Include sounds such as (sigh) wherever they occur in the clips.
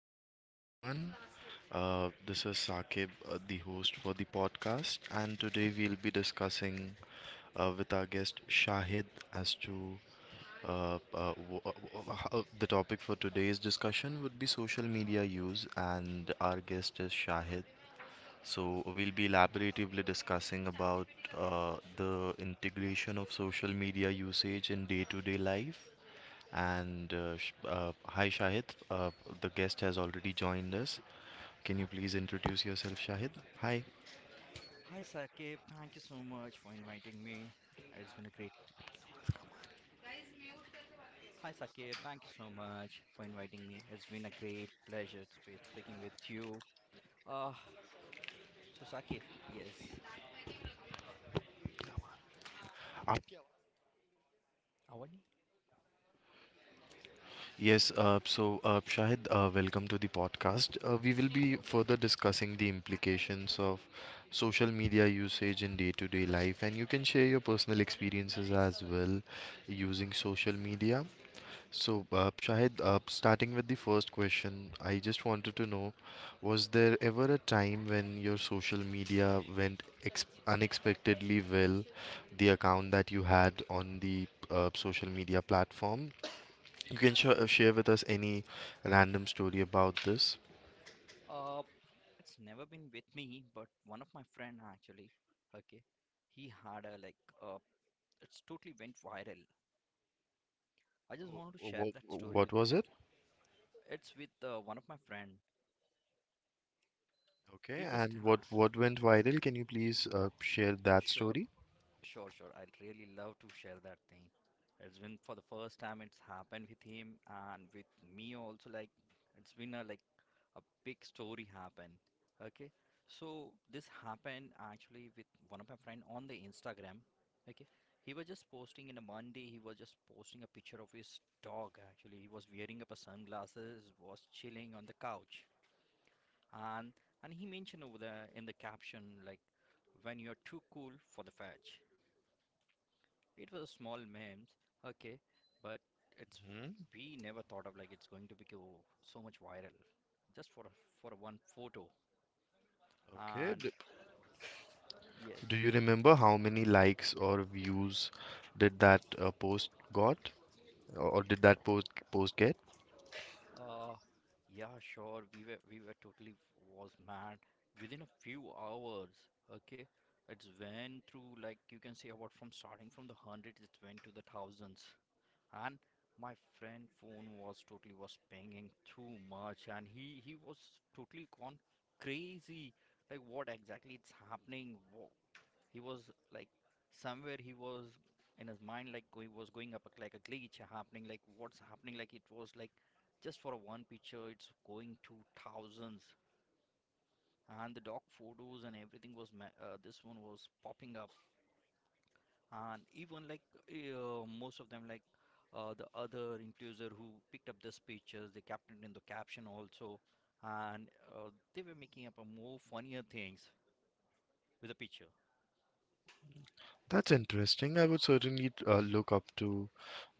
podcast, everyone. This is Saqib, the host for the podcast, and today we'll be discussing with our guest Shahid as to the topic for today's discussion would be social media use, and our guest is Shahid. So we'll be elaboratively discussing about the integration of social media usage in day-to-day life, and hi, Shahid. Uh, the guest has already joined us. Can you please introduce yourself, Shahid? Hi. Hi Sakib, thank you so much for inviting me. It's been a great Hi Sakib, thank you so much for inviting me. It's been a great pleasure to speaking with you. Uh so Sakib, yes. Uh, Avani? yes, so Shahid, welcome to the podcast. We will be further discussing the implications of social media usage in day to day life, and you can share your personal experiences as well using social media. So, Shahid, starting with the first question, I just wanted to know, was there ever a time when your social media went ex unexpectedly well, the account that you had on the social media platform? You can sh share with us any random story about this. Uh it's never been with me, but one of my friend actually. Okay, he had a, like, it's totally went viral. I just wanted to share What that story what with. was it? It's with one of my friend. Okay, He just, and what went viral? Can you please share that sure. story? Sure, sure. I'd really love to share that thing. It's been for the first time it's happened with him, and with me also. Like, it's been a, like, a big story happened. Okay, so this happened actually with one of my friend on the Instagram. Okay, he was just posting in a Monday. He was just posting a picture of his dog. Actually, he was wearing up a sunglasses, was chilling on the couch, and and he mentioned over there in the caption, like, when you're too cool for the fetch. It was a small memes. Okay, but it's Hmm. we never thought of, like, it's going to be go so much viral, just for for one photo. Okay. And yes. Do you remember how many likes or views did that post got, or did that post get? uh, yeah, sure, we were totally was mad. Within a few hours. Okay, it's went through, like, you can say about, from starting from the hundreds, it went to the thousands. And my friend phone was totally was pinging too much, and he was totally gone crazy, like, what exactly it's happening. He was like, somewhere he was in his mind, like he was going up like a glitch happening, like what's happening, like it was like, just for a one picture, it's going to thousands. And the dog photos and everything was this one was popping up. And even like, most of them, like, the other influencer who picked up this pictures, they kept it in the caption also. And they were making up a more funnier things with the picture. That's interesting. I would certainly look up to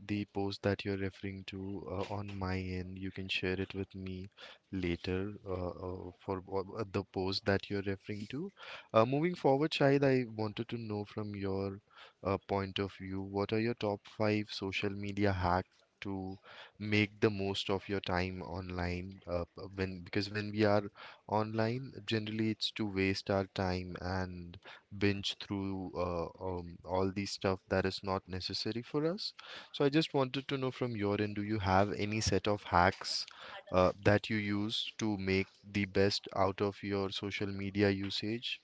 the post that you're referring to on my end. You can share it with me later, for the post that you're referring to. Moving forward, Shahid, I wanted to know from your point of view, what are your top five social media hacks to make the most of your time online? When Because when we are online, generally it's to waste our time and binge through all the stuff that is not necessary for us. So I just wanted to know from your end, do you have any set of hacks that you use to make the best out of your social media usage?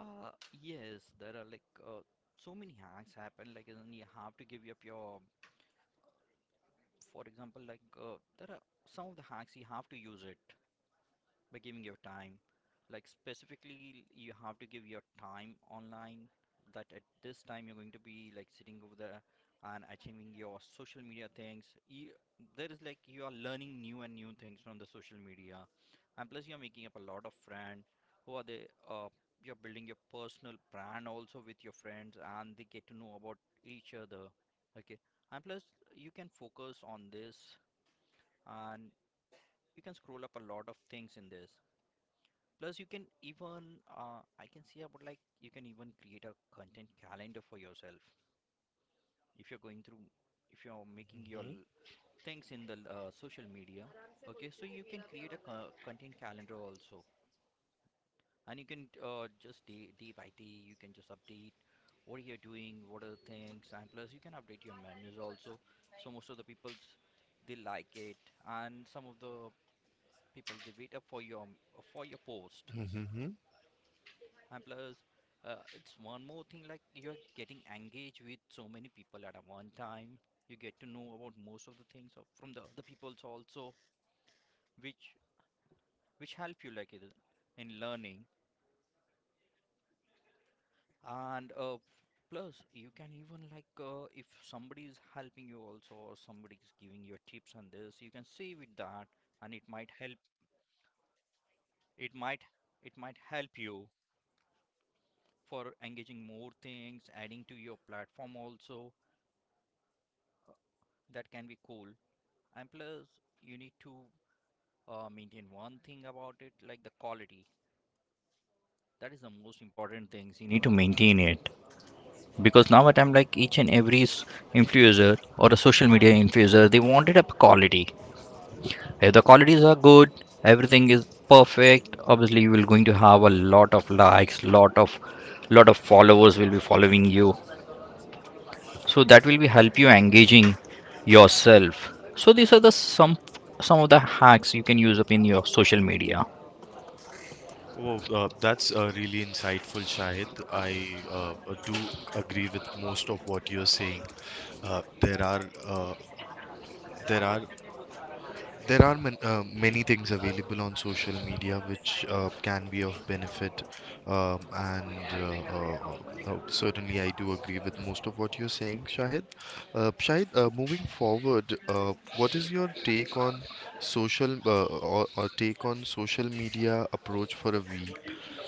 Yes, there are like, uh, so many hacks happen, like, and you have to give up your, for example, like, there are some of the hacks you have to use it by giving your time. Like, specifically, you have to give your time online, that at this time you're going to be, like, sitting over there and achieving your social media things. You, there is like you are learning new and new things from the social media. And plus you're making up a lot of friends, who are they, you're building your personal brand also with your friends, and they get to know about each other. Okay, and plus you can focus on this, and you can scroll up a lot of things in this. Plus, you can even, I can see about, like, you can even create a content calendar for yourself if you're going through, if you're making your things in the social media. Okay, so you can create a content calendar also, and you can, just day by day, you can just update what you're doing, what are the things, and plus you can update your memories also. So most of the people's, they like it, and some of the people they wait up for your, for your post. Mm-hmm. And plus, it's one more thing, like, you're getting engaged with so many people at a one time. You get to know about most of the things of, from the other people's also, which which help you, like, in learning, and plus you can even, like, if somebody is helping you also, or somebody is giving you tips on this, you can see with that. And it might help. it might it might help you for engaging more things, adding to your platform also. That can be cool. And plus you need to, maintain one thing about it, like the quality, that is the most important thing. You need to maintain it, because now at I'm like each and every influencer or a social media influencer, they wanted a quality. If the qualities are good, everything is perfect, obviously you will going to have a lot of likes, lot of followers will be following you. So that will be help you engaging yourself. So these are the some of the hacks you can use up in your social media. Oh, that's really insightful, Shahid. I do agree with most of what you're saying. There are there are There are man, many things available on social media which can be of benefit, and certainly I do agree with most of what you're saying, Shahid. Shahid, moving forward, what is your take on social or take on social media approach for a week?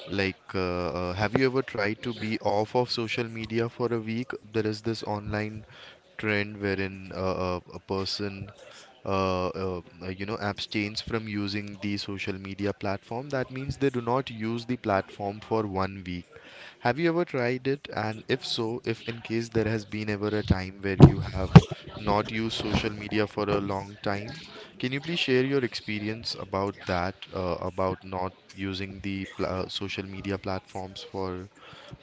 Like, have you ever tried to be off of social media for a week? There is this online trend wherein a person abstains from using the social media platform, that means they do not use the platform for one week. Have you ever tried it, and if so, if in case there has been ever a time where you have not used social media for a long time, can you please share your experience about that, about not using the pla social media platforms for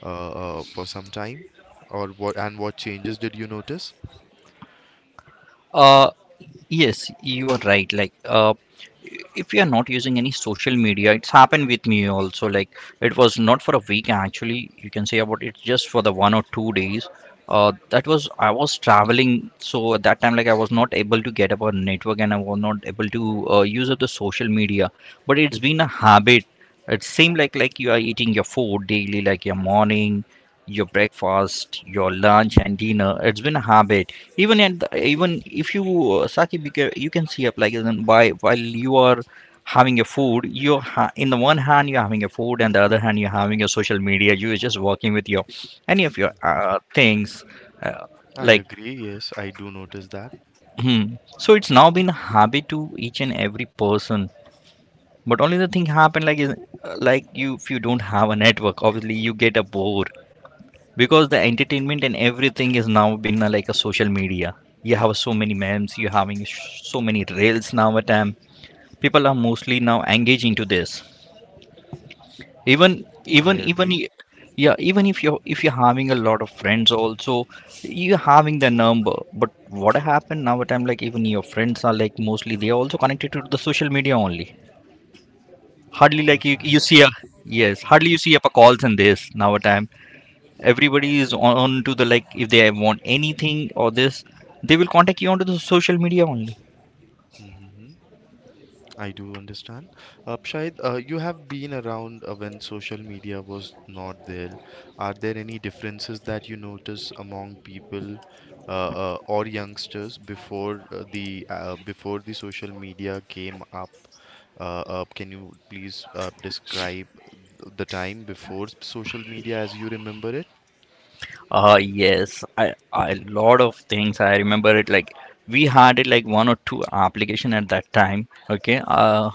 some time, or what, and what changes did you notice? Uh, yes, you are right. Like, if you are not using any social media, it's happened with me also. Like, it was not for a week actually. You can say about it just for the 1 or 2 days. That was, I was traveling, so at that time, like, I was not able to get up on network, and I was not able to use up the social media. But it's been a habit, it seems like, you are eating your food daily, like your morning, your breakfast, your lunch and dinner. It's been a habit. Even at the, even if you, Saqib, you can see up, like as in, by while you are having your food, you're in the one hand you're having your food, and the other hand you're having your social media. You're just working with your, any of your things, uh, I like. agree. Yes, I do notice that. Hmm. So it's now been a habit to each and every person. But only the thing happen, like, is, like, you, if you don't have a network, obviously you get a bore, because the entertainment and everything is now been, like, a social media. You have so many memes, you having so many reels now at time. People are mostly now engaging to this. Even I even even agree. i- yeah, even if you're having a lot of friends also, you're having the number. But what happened now at time, like, even your friends are, like, mostly they are also connected to the social media only. Hardly, Yes, like, you Shahid. see a, yes, hardly you Mm-hmm. see up a calls in this now a time. Everybody is on to the, like, if they want anything or this, they will contact you onto the social media only. Mm-hmm. I do understand. Shahid, you have been around when social media was not there. Are there any differences that you notice among people or youngsters before, the before the social media came up? Can you please describe the time before social media as you remember it? Yes, I a lot of things. I remember it like we had it like one or two application at that time. Okay,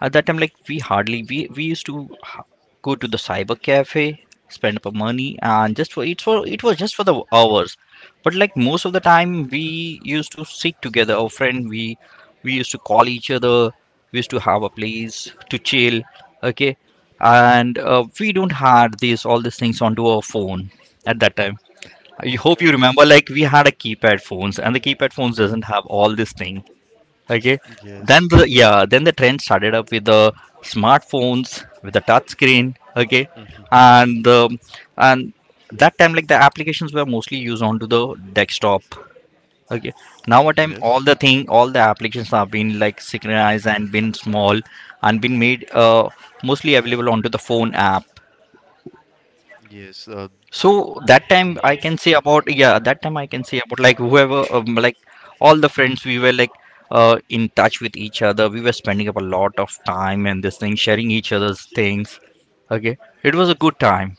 at that time, like, we hardly we used to go to the cyber cafe, spend up our money, and just for it was Mm-hmm. just for the hours. But, like, most of the time we used to sit together, our friend. We used to call each other. We used to have a place to chill. Okay, and we don't had these all these things onto our phone at that time. I hope you Okay. remember, like, we had a keypad phones, and the keypad phones doesn't have all this thing. Okay, then Yes. the yeah, then the trend started up with the smartphones, with the touch screen. Okay, Mm-hmm. and and that time, like, the applications were mostly used onto the desktop. Okay. Now what time all Yes. the thing, all the applications are been, like, synchronized, and been small, and been made mostly available onto the phone app. Yes. So that time I can Mm-hmm. say about, yeah, that time I can say about, like, whoever, like, all the friends we were, like, in touch with each other. We were spending up a lot of time and this thing, sharing each other's things. Okay, it was a good time.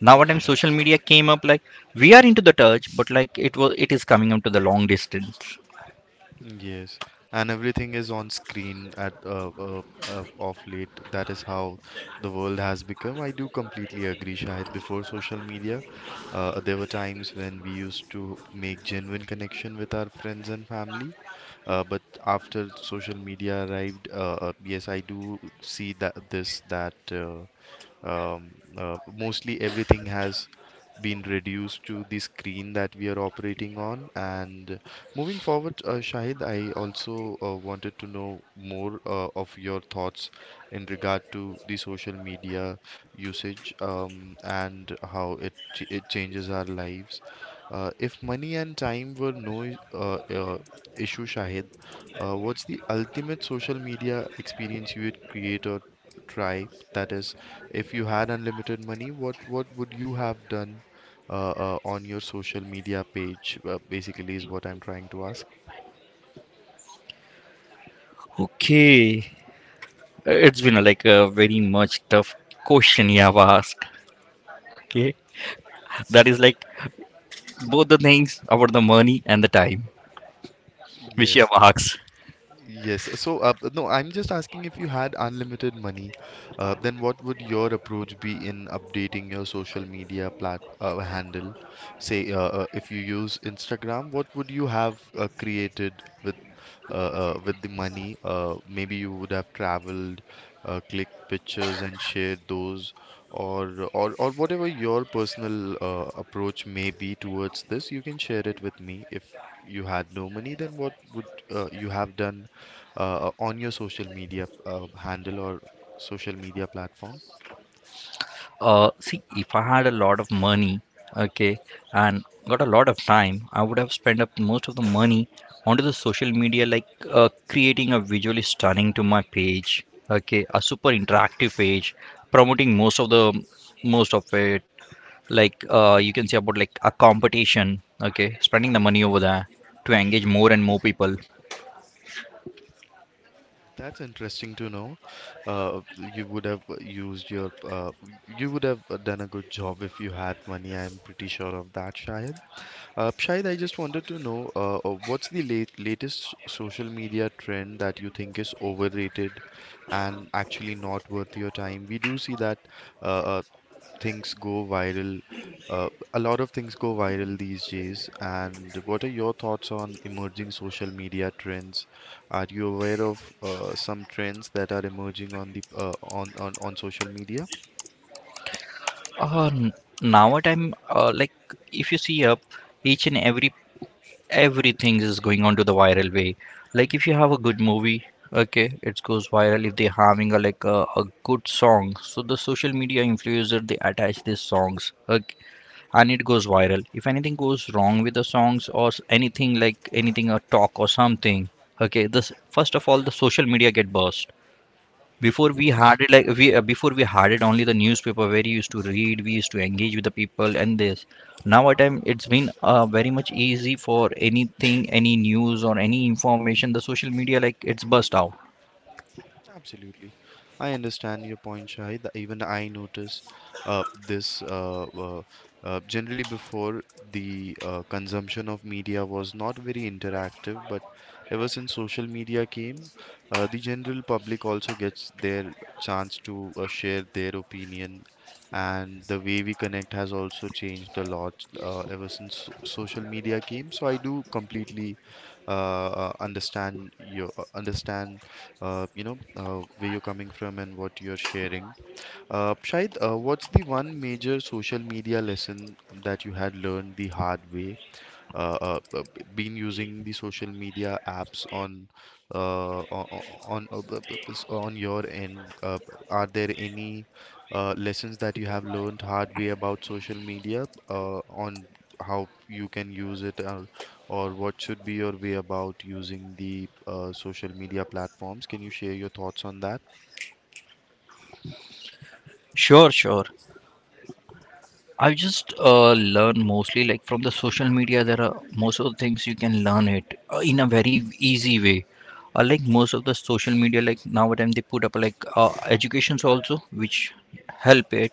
Now what time social Yes. media came up, like, we are into the touch, but, like, it is coming up to the long distance. Yes. And everything is on screen at of late. That is how the world has become. I do completely agree, Shahid. Before social media, there were times when we used to make genuine connection with our friends and family. But after social media arrived, yes, I do see that, this that um, mostly everything has been reduced to the screen that we are operating on. And moving forward, Shahid, I also wanted to know more of your thoughts in regard to the social media usage, and how it changes our lives. If money and time were no issue, Shahid, what's the ultimate social media experience you would create or try? That is, if you had unlimited money, what would you have done on your social media page? Basically, is what I'm trying to ask. Okay. It's been, like, a very much tough question you have asked. Okay, that is like both the things about the money and the time, which you Yes. have asked. Yes. So, no, I'm just asking, if you had unlimited money, then what would your approach be in updating your social media plat handle? Say, if you use Instagram, what would you have created with, with the money? Maybe you would have traveled, clicked pictures and shared those, or whatever your personal approach may be towards this. You can share it with me. If you had no money, then what would you have done on your social media handle or social media platform? See, if I had a lot of money, okay, and got a lot of time, I would have spent up most of the money onto the social media, like, creating a visually stunning to my page, okay, a super interactive page, promoting most of it, like, you can say about like a competition, okay, spending the money over there to engage more and more people. That's interesting to know. Uh, you would have used your, uh, you would have done a good job if you had money. I'm pretty sure of that, Shahid. Shahid, I just wanted to know, what's the latest social media trend that you think is overrated and actually not worth your time? We do see that uh, uh, things go viral. A lot of things go viral these days. And what are your thoughts on emerging social media trends? Are you aware of some trends that are emerging on the on social media? uh, n- Now at time, like, if you see up each and every everything is going on to the viral way. Like, if you have a good movie, okay, it goes viral. If they're having a, like, a good song, so the social media influencer they attach these songs. Okay. And it goes viral. If anything goes wrong with the songs or anything, like, anything a talk or something. Okay, this first of all, the social media get burst. Before we Yes. had it like we before we had it only the newspaper where you used to read, we used to engage with the people and this. Now at time it's been very much easy for anything, any news or any information. The social media like it's burst out. Absolutely. I understand your point, Shahid. That Even I notice this. Generally, before, the consumption of media was not very interactive, but ever since social media came, the general public also gets their chance to share their opinion, and the way we connect has also changed a lot ever since social media came. So I do completely uh, understand your understand you know, where you're coming from and what you're sharing. Shahid, what's the one major social media lesson that you had learned the hard way? B- been using the social media apps on o- o- on b- b- s- on your end? Are there any lessons that you have learned hard way about social media on how you can use it, or what should be your way about using the social media platforms? Can you share your thoughts on that? Sure, sure. I've just learned mostly like from the social media. There are most of the things you can learn it in a very easy way. Like most of the social media, like nowadays they put up like educations also, which help it.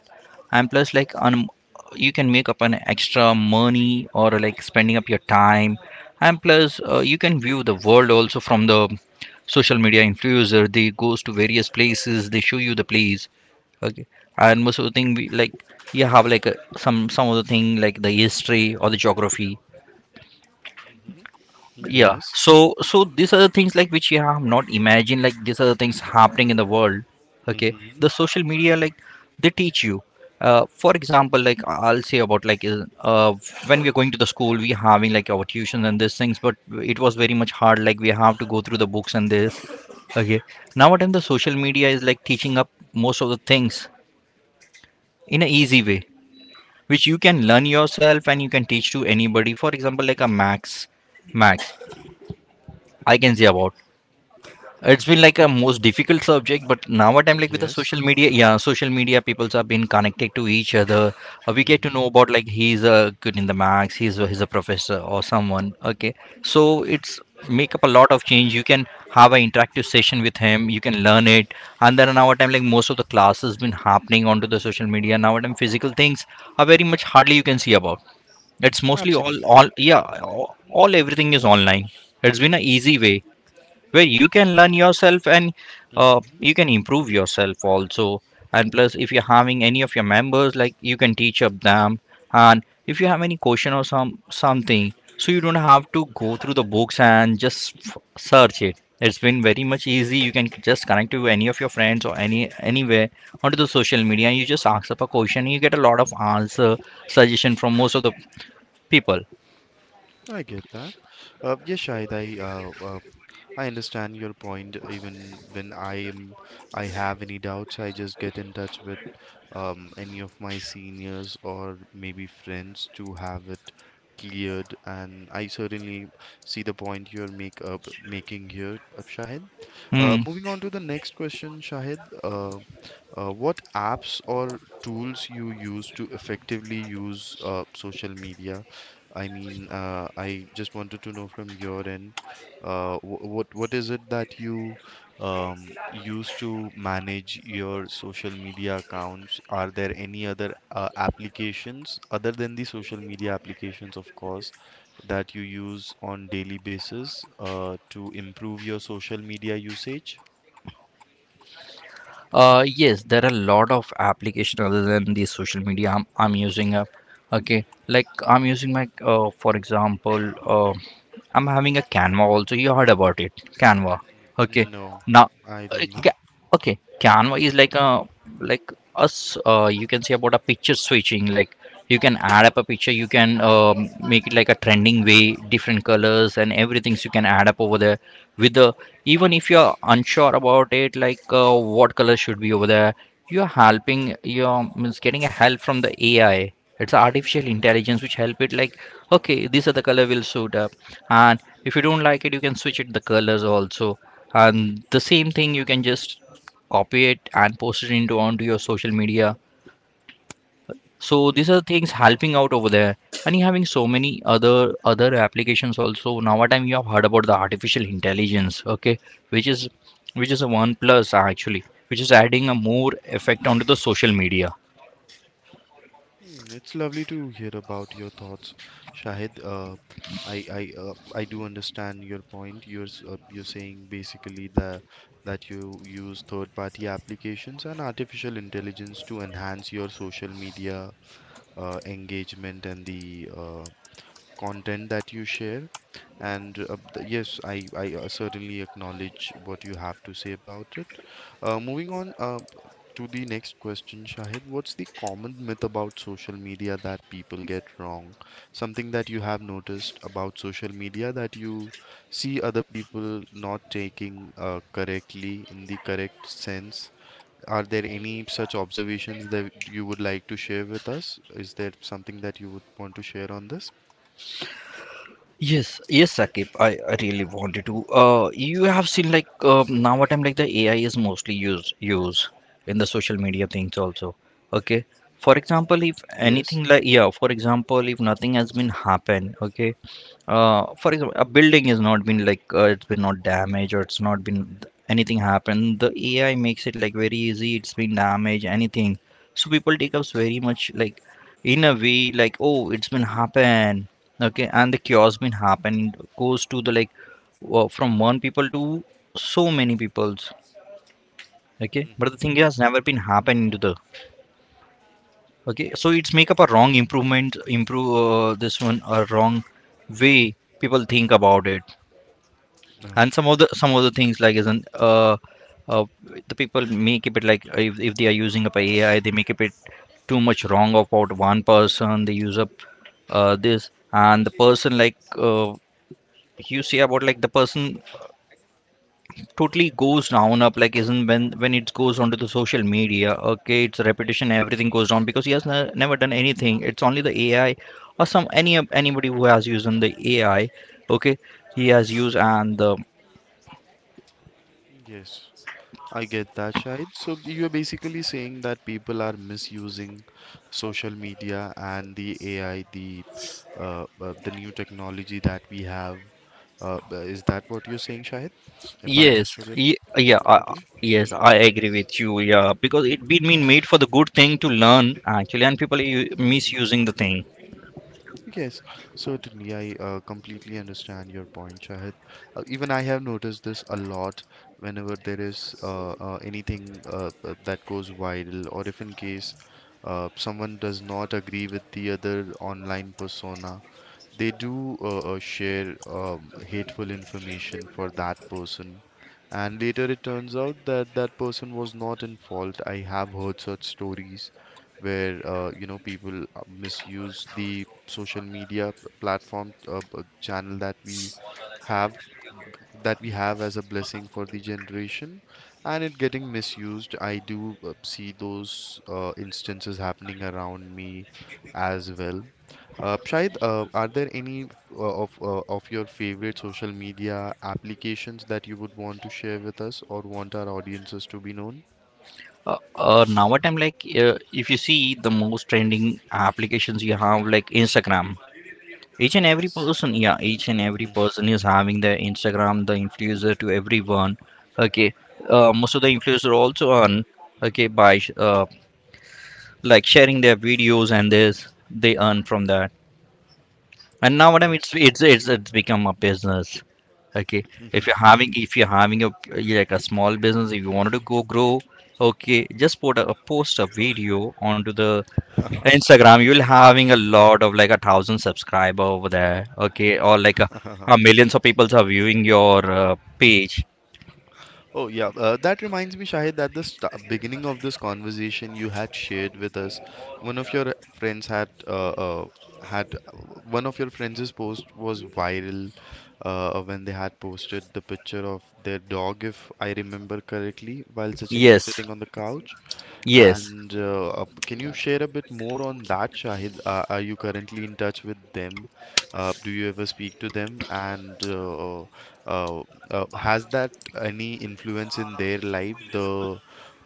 And plus, like you can make up an extra money or like spending up your time. And plus, you can view the world also from the social media influencer. They goes to various places. They show you the place. Okay. And most of the thing we like you have like some of the thing like the history or the geography. Yeah. Yes, So these are the things like which you have not imagined. Like these are the things happening in the world. Okay. The social media like they teach you. For example, like I'll say about like when we're going to the school, we having like our tuition and these things, but it was very much hard. Like we have to go through the books and this. Okay. Nowadays, the social media is like teaching up most of the things in an easy way which you can learn yourself and you can teach to anybody. For example, like a max, I can say about. It's been like a most difficult subject, but now what I'm like with the yes, social media, yeah, social media peoples have been connected to each other. We get to know about like he's a good in the max, he's a professor or someone. Okay, so it's make up a lot of change. You can have an interactive session with him. You can learn it, and then now what I'm like most of the classes been happening onto the social media. Now what I'm physical things are very much hardly you can see about it's mostly all absolutely. all yeah, all everything is online. It's been an easy way where you can learn yourself and you can improve yourself also. And plus, if you're having any of your members, like you can teach up them. And if you have any question or some something, so you don't have to go through the books and just search it. It's been very much easy. You can just connect to any of your friends or any anywhere onto the social media. You just ask up a question. You get a lot of answer suggestion from most of the people. I get that. Yes, Shahid, I understand your point. Even when I have any doubts, I just get in touch with any of my seniors or maybe friends to have it cleared. And I certainly see the point you're make up making here, Shahid. Hmm. Moving on to the next question, Shahid. What apps or tools you use to effectively use social media? I mean, I just wanted to know from your end, what is it that you use to manage your social media accounts? Are there any other applications other than the social media applications, of course, that you use on daily basis to improve your social media usage? Yes, there are a lot of application other than the social media I'm using. Okay, like I'm using my, for example, I'm having a Canva also. You heard about it, Canva. Okay, No, now, I uh, don't know. ca- okay, Canva is like a like us. You can say about a picture switching. Like you can add up a picture. You can make it like a trending way, different colors and everything. So you can add up over there with the even if you're unsure about it, like what color should be over there. You're helping. You're means getting a help from the AI. It's a artificial intelligence which help it like okay these are the color will suit up, and if you don't like it you can switch it the colors also, and the same thing you can just copy it and post it into onto your social media. So these Hmm. are things helping out over there, and you're having so many other applications also. Now what time you have heard about the artificial intelligence, okay, which is which is a one plus actually, which is adding a more effect onto the social media. Hmm, it's lovely to hear about your thoughts, Shahid. I do understand your point. You're saying basically that you use third-party applications and artificial intelligence to enhance your social media engagement and the content that you share. And yes, I certainly acknowledge what you have to say about it. Moving on to the next question, Shahid, what's the common myth about social media that people get wrong? Something that you have noticed about social media that you see other people not taking correctly in the correct sense? Are there any such observations that you would like to share with us? Is there something that you would want to share on this? Yes, yes, Sakib. I really wanted to. You have seen like nowadays, like the AI is mostly used in the social media things also. Okay. For example, if Yes. anything like yeah, for example, if nothing has been happened, okay, for example, a building has not been like it's been not damaged or it's not been anything happened. The AI makes it like very easy. It's been damaged, anything. So people take up very much like in a way like oh it's been happened, okay, and the chaos been happened goes to the like from one people to so many peoples, okay. But the thing Mm-hmm. has never been happened to the okay. So it's make up a wrong improvement, improve this one a wrong way people think about it. And Okay. some of the things like isn't uh the people may keep it like if they are using up ai they may keep it too much wrong about one person they use up this, and the person like you see about like the person totally goes down up like isn't when it goes onto the social media okay it's repetition everything goes down because he has never done anything. It's only the ai or some anybody who has used on the ai okay he has used and the. Yes, I get that, Shahid. So you're basically saying that people are misusing social media and the AI, the new technology that we have. Is that what you're saying, Shahid? If I Yes, understood it ye- yeah, uh, correctly. yes, I Mm. agree with you. Yeah, because it been made for the good thing to learn actually, and people are misusing the thing. Yes, certainly. I completely understand your point, Shahid. Even I have noticed this a lot whenever there is anything that goes viral, or if in case someone does not agree with the other online persona, they do share hateful information for that person, and later it turns out that that person was not in fault. I have heard such stories where people misuse the social media platform channel that we have as a blessing for the generation, and it getting misused, I do see those instances happening around me as well. Shahid, are there any of your favorite social media applications that you would want to share with us or want our audiences to be known? Now what I'm like, if you see the most trending applications you have like Instagram, each and every Yes. person, yeah, each and every person is having their Instagram, the influencer to everyone. Okay, most of the influencer also earn. Okay, like sharing their videos and this, they earn from that. And now madam it's Yes. It's become a business, okay. If you're having a like a small business if you wanted to go grow, okay just put post a video onto the instagram. You'll having a lot of like a thousand subscriber over there okay or like a (laughs) millions of people are viewing your page. Oh yeah, that reminds me, Shahid, that the st beginning of this conversation you had shared with us, one of your friends had had one of your friends' post was viral, when they had posted the picture of their dog, if I remember correctly, while sitting Yes, sitting on the couch. yes. And can you share a bit more on that, Shahid? Are you currently in touch with them? Do you ever speak to them? And uh, has that any influence in their life? The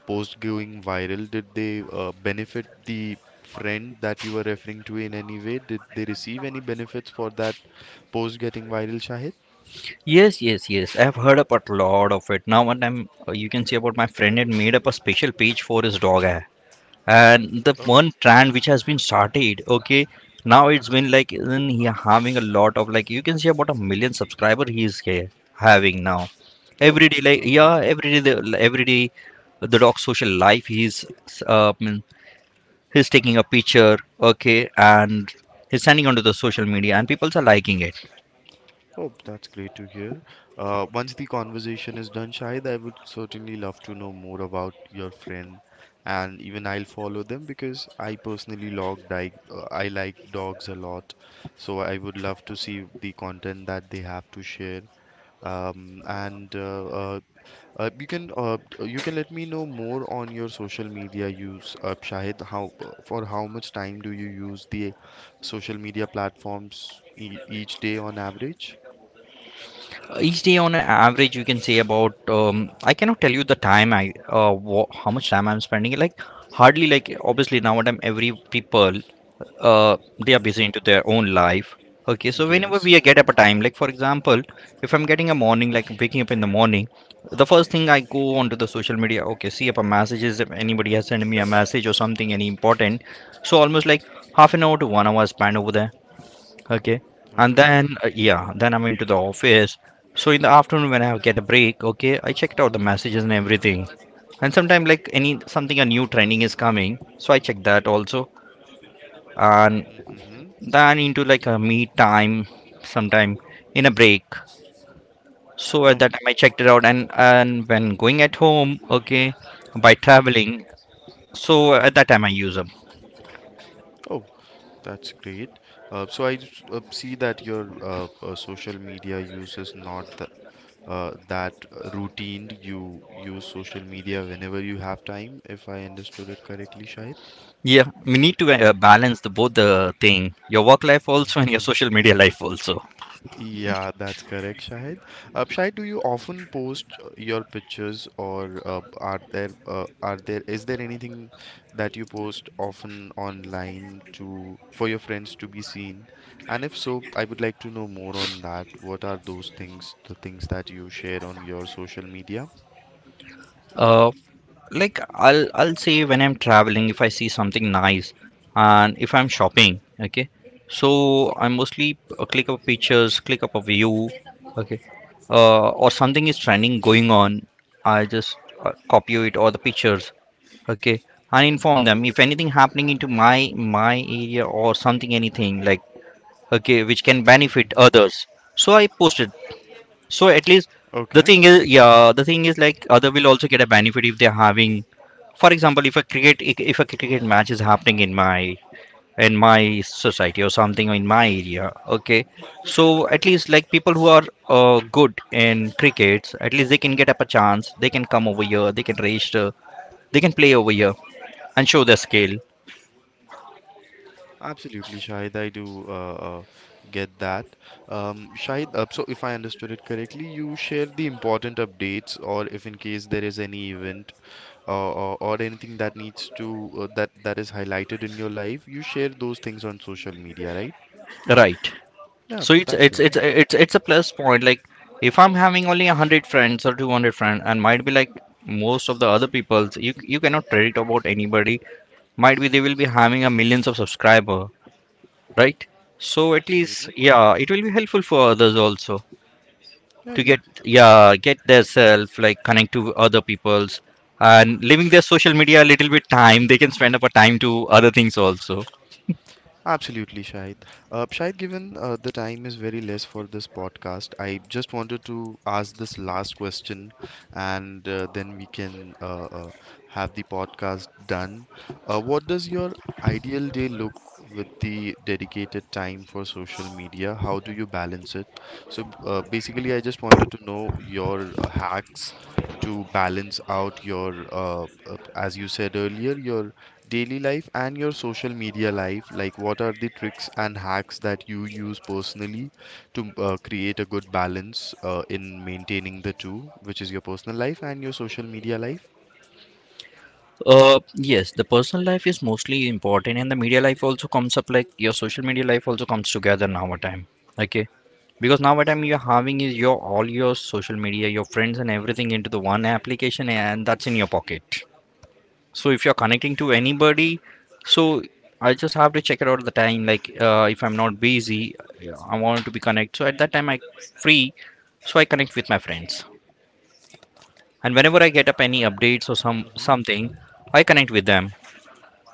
post going viral, did they benefit the friend that you were referring to in any way? Did they receive any benefits for that post getting viral, Shahid? Yes, yes, yes. I've heard about a lot of it. Now, one time, you can see about my friend had made up a special page for his dog. And the Oh. one trend which has been started, okay, now it's been like isn't he having a lot of like you can see about a million subscriber he is here having now Oh. every day like yeah Mhm. every day every day the dog social life uh, mm, he's taking a picture okay and he's sending onto the social media and people are liking it. Oh, that's great to hear. Once the conversation is done, Shahid, I would certainly love to know more about your friend, and even I'll follow them because I personally log di I like dogs a lot, so I would love to see the content that they have to share. And You can you can let me know more on your social media use, Shahid. How for how much time do you use the social media platforms e each day on average? Each day on average you can say about I cannot tell you the time I wha how much time I'm spending like hardly like obviously nowadays every people uh, they are busy into their own life, okay. So whenever we Yes. get up a time like for example if I'm getting a morning like waking up in the morning the first thing I go onto the social media okay see if a messages if anybody has sent me a message or something any important, so almost like half an hour to 1 hour spent over there. Okay. And Okay. then, yeah, then I'm into the office. So in the afternoon when I get a break, okay, I checked out the messages and everything. And sometime like any something a new trending is coming, so I check that also. And then into like a meet time, sometime in a break. So at Oh. that time I checked it out, and when going at home, okay, by traveling, so at that time I use them. Oh, that's great. So I see that your social media use is not that routine. You use social media whenever you have time, if I understood it correctly, Shahid. Yeah, we need to balance the both the thing, your work life also and your (laughs) social media life also. Yeah, that's correct, Shahid. Shahid, do you often post your pictures, or are there, is there anything that you post often online to for your friends to be seen? And if so, I would like to know more on that. What are those things, the things that you share on your social media? Uh, like I'll say when I'm traveling if I see something nice and if I'm shopping, okay, so I mostly click up pictures click up a view, okay, or something is trending going on I just copy it or the pictures, okay, and inform them if anything happening into my area or something anything like okay which can benefit Mm-hmm. others so I post it. So at least the Okay. thing is, yeah, the thing is like other will also get a benefit if they're having, for example, if a cricket match is happening in my society or something or in my area, okay. So at least like people who are good in crickets, at least they can get up a chance. They can come over here. They can register. They can play over here and show their skill. Absolutely, Shahid. I do get that. Shahid, so if I understood it correctly, you share the important updates, or if in case there is any event or anything that needs to that is highlighted in your life, you share those things on social media, right? Right. Yeah, So it's that's it's it's lovely. it's it's a plus point. Like if I'm having only 100 friends or 200 friends, and might be like most of the other people, you cannot predict about anybody. Might be they will be having a millions of subscriber, right? So at least Absolutely. yeah, it will be helpful for others also Yeah, to yeah. get yeah get their self like connect to other people's and leaving their social media a little bit time they can spend up a time to other things also. Absolutely, Shahid. Shahid, given the time is very less for this podcast, I just wanted to ask this last question, and then we can have the podcast done. What does your ideal day look with the dedicated time for social media? How do you balance it? So basically, I just wanted to know your hacks to balance out your, as you said earlier, your daily life and your social media life, like what are the tricks and hacks that you use personally to create a good balance in maintaining the two, which is your personal life and your social media life. Yes, the personal life is mostly important, and the media life also comes up like your social media life also comes together now a time. Okay, because now a time you're having is your all your social media, your friends, and everything into the one application, and that's in your pocket. So if you're connecting to anybody, so I just have to check it out the time. Like if I'm not busy, yeah, I want to be connect. So at that time I free, so I connect with my friends, and whenever I get up any updates or some something, I connect with them.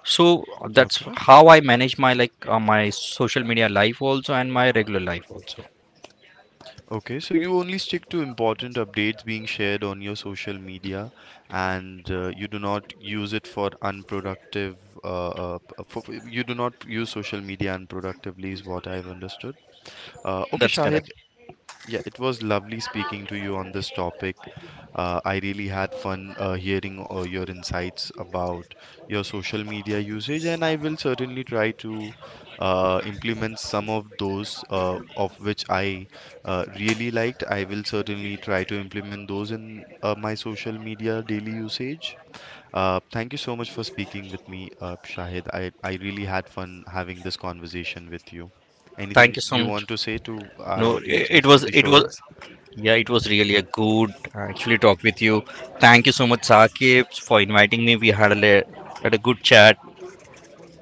So that's Okay. how I manage my like my social media life also and my regular life also. Okay, so you only stick to important updates being shared on your social media, and you do not use it for unproductive. You do not use social media unproductively, is what I've understood. Okay, That's correct. Shahid, yeah, it was lovely speaking to you on this topic. I really had fun hearing your insights about your social media usage, and I will certainly try to implement some of those of which I really liked. I will certainly try to implement those in my social media daily usage. Thank you so much for speaking with me, Shahid. I really had fun having this conversation with you. Thank you Anything so you much. want to say to No, our audience it before was the show ends? yeah, it was really a good actually talk with you. Thank you so much, Sakib, for inviting me. We had had a good chat.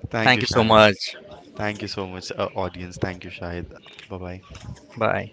Thank you, Thank you so Shahid. much. Thank you so much, audience. Thank you, Shahid. Bye bye. Bye.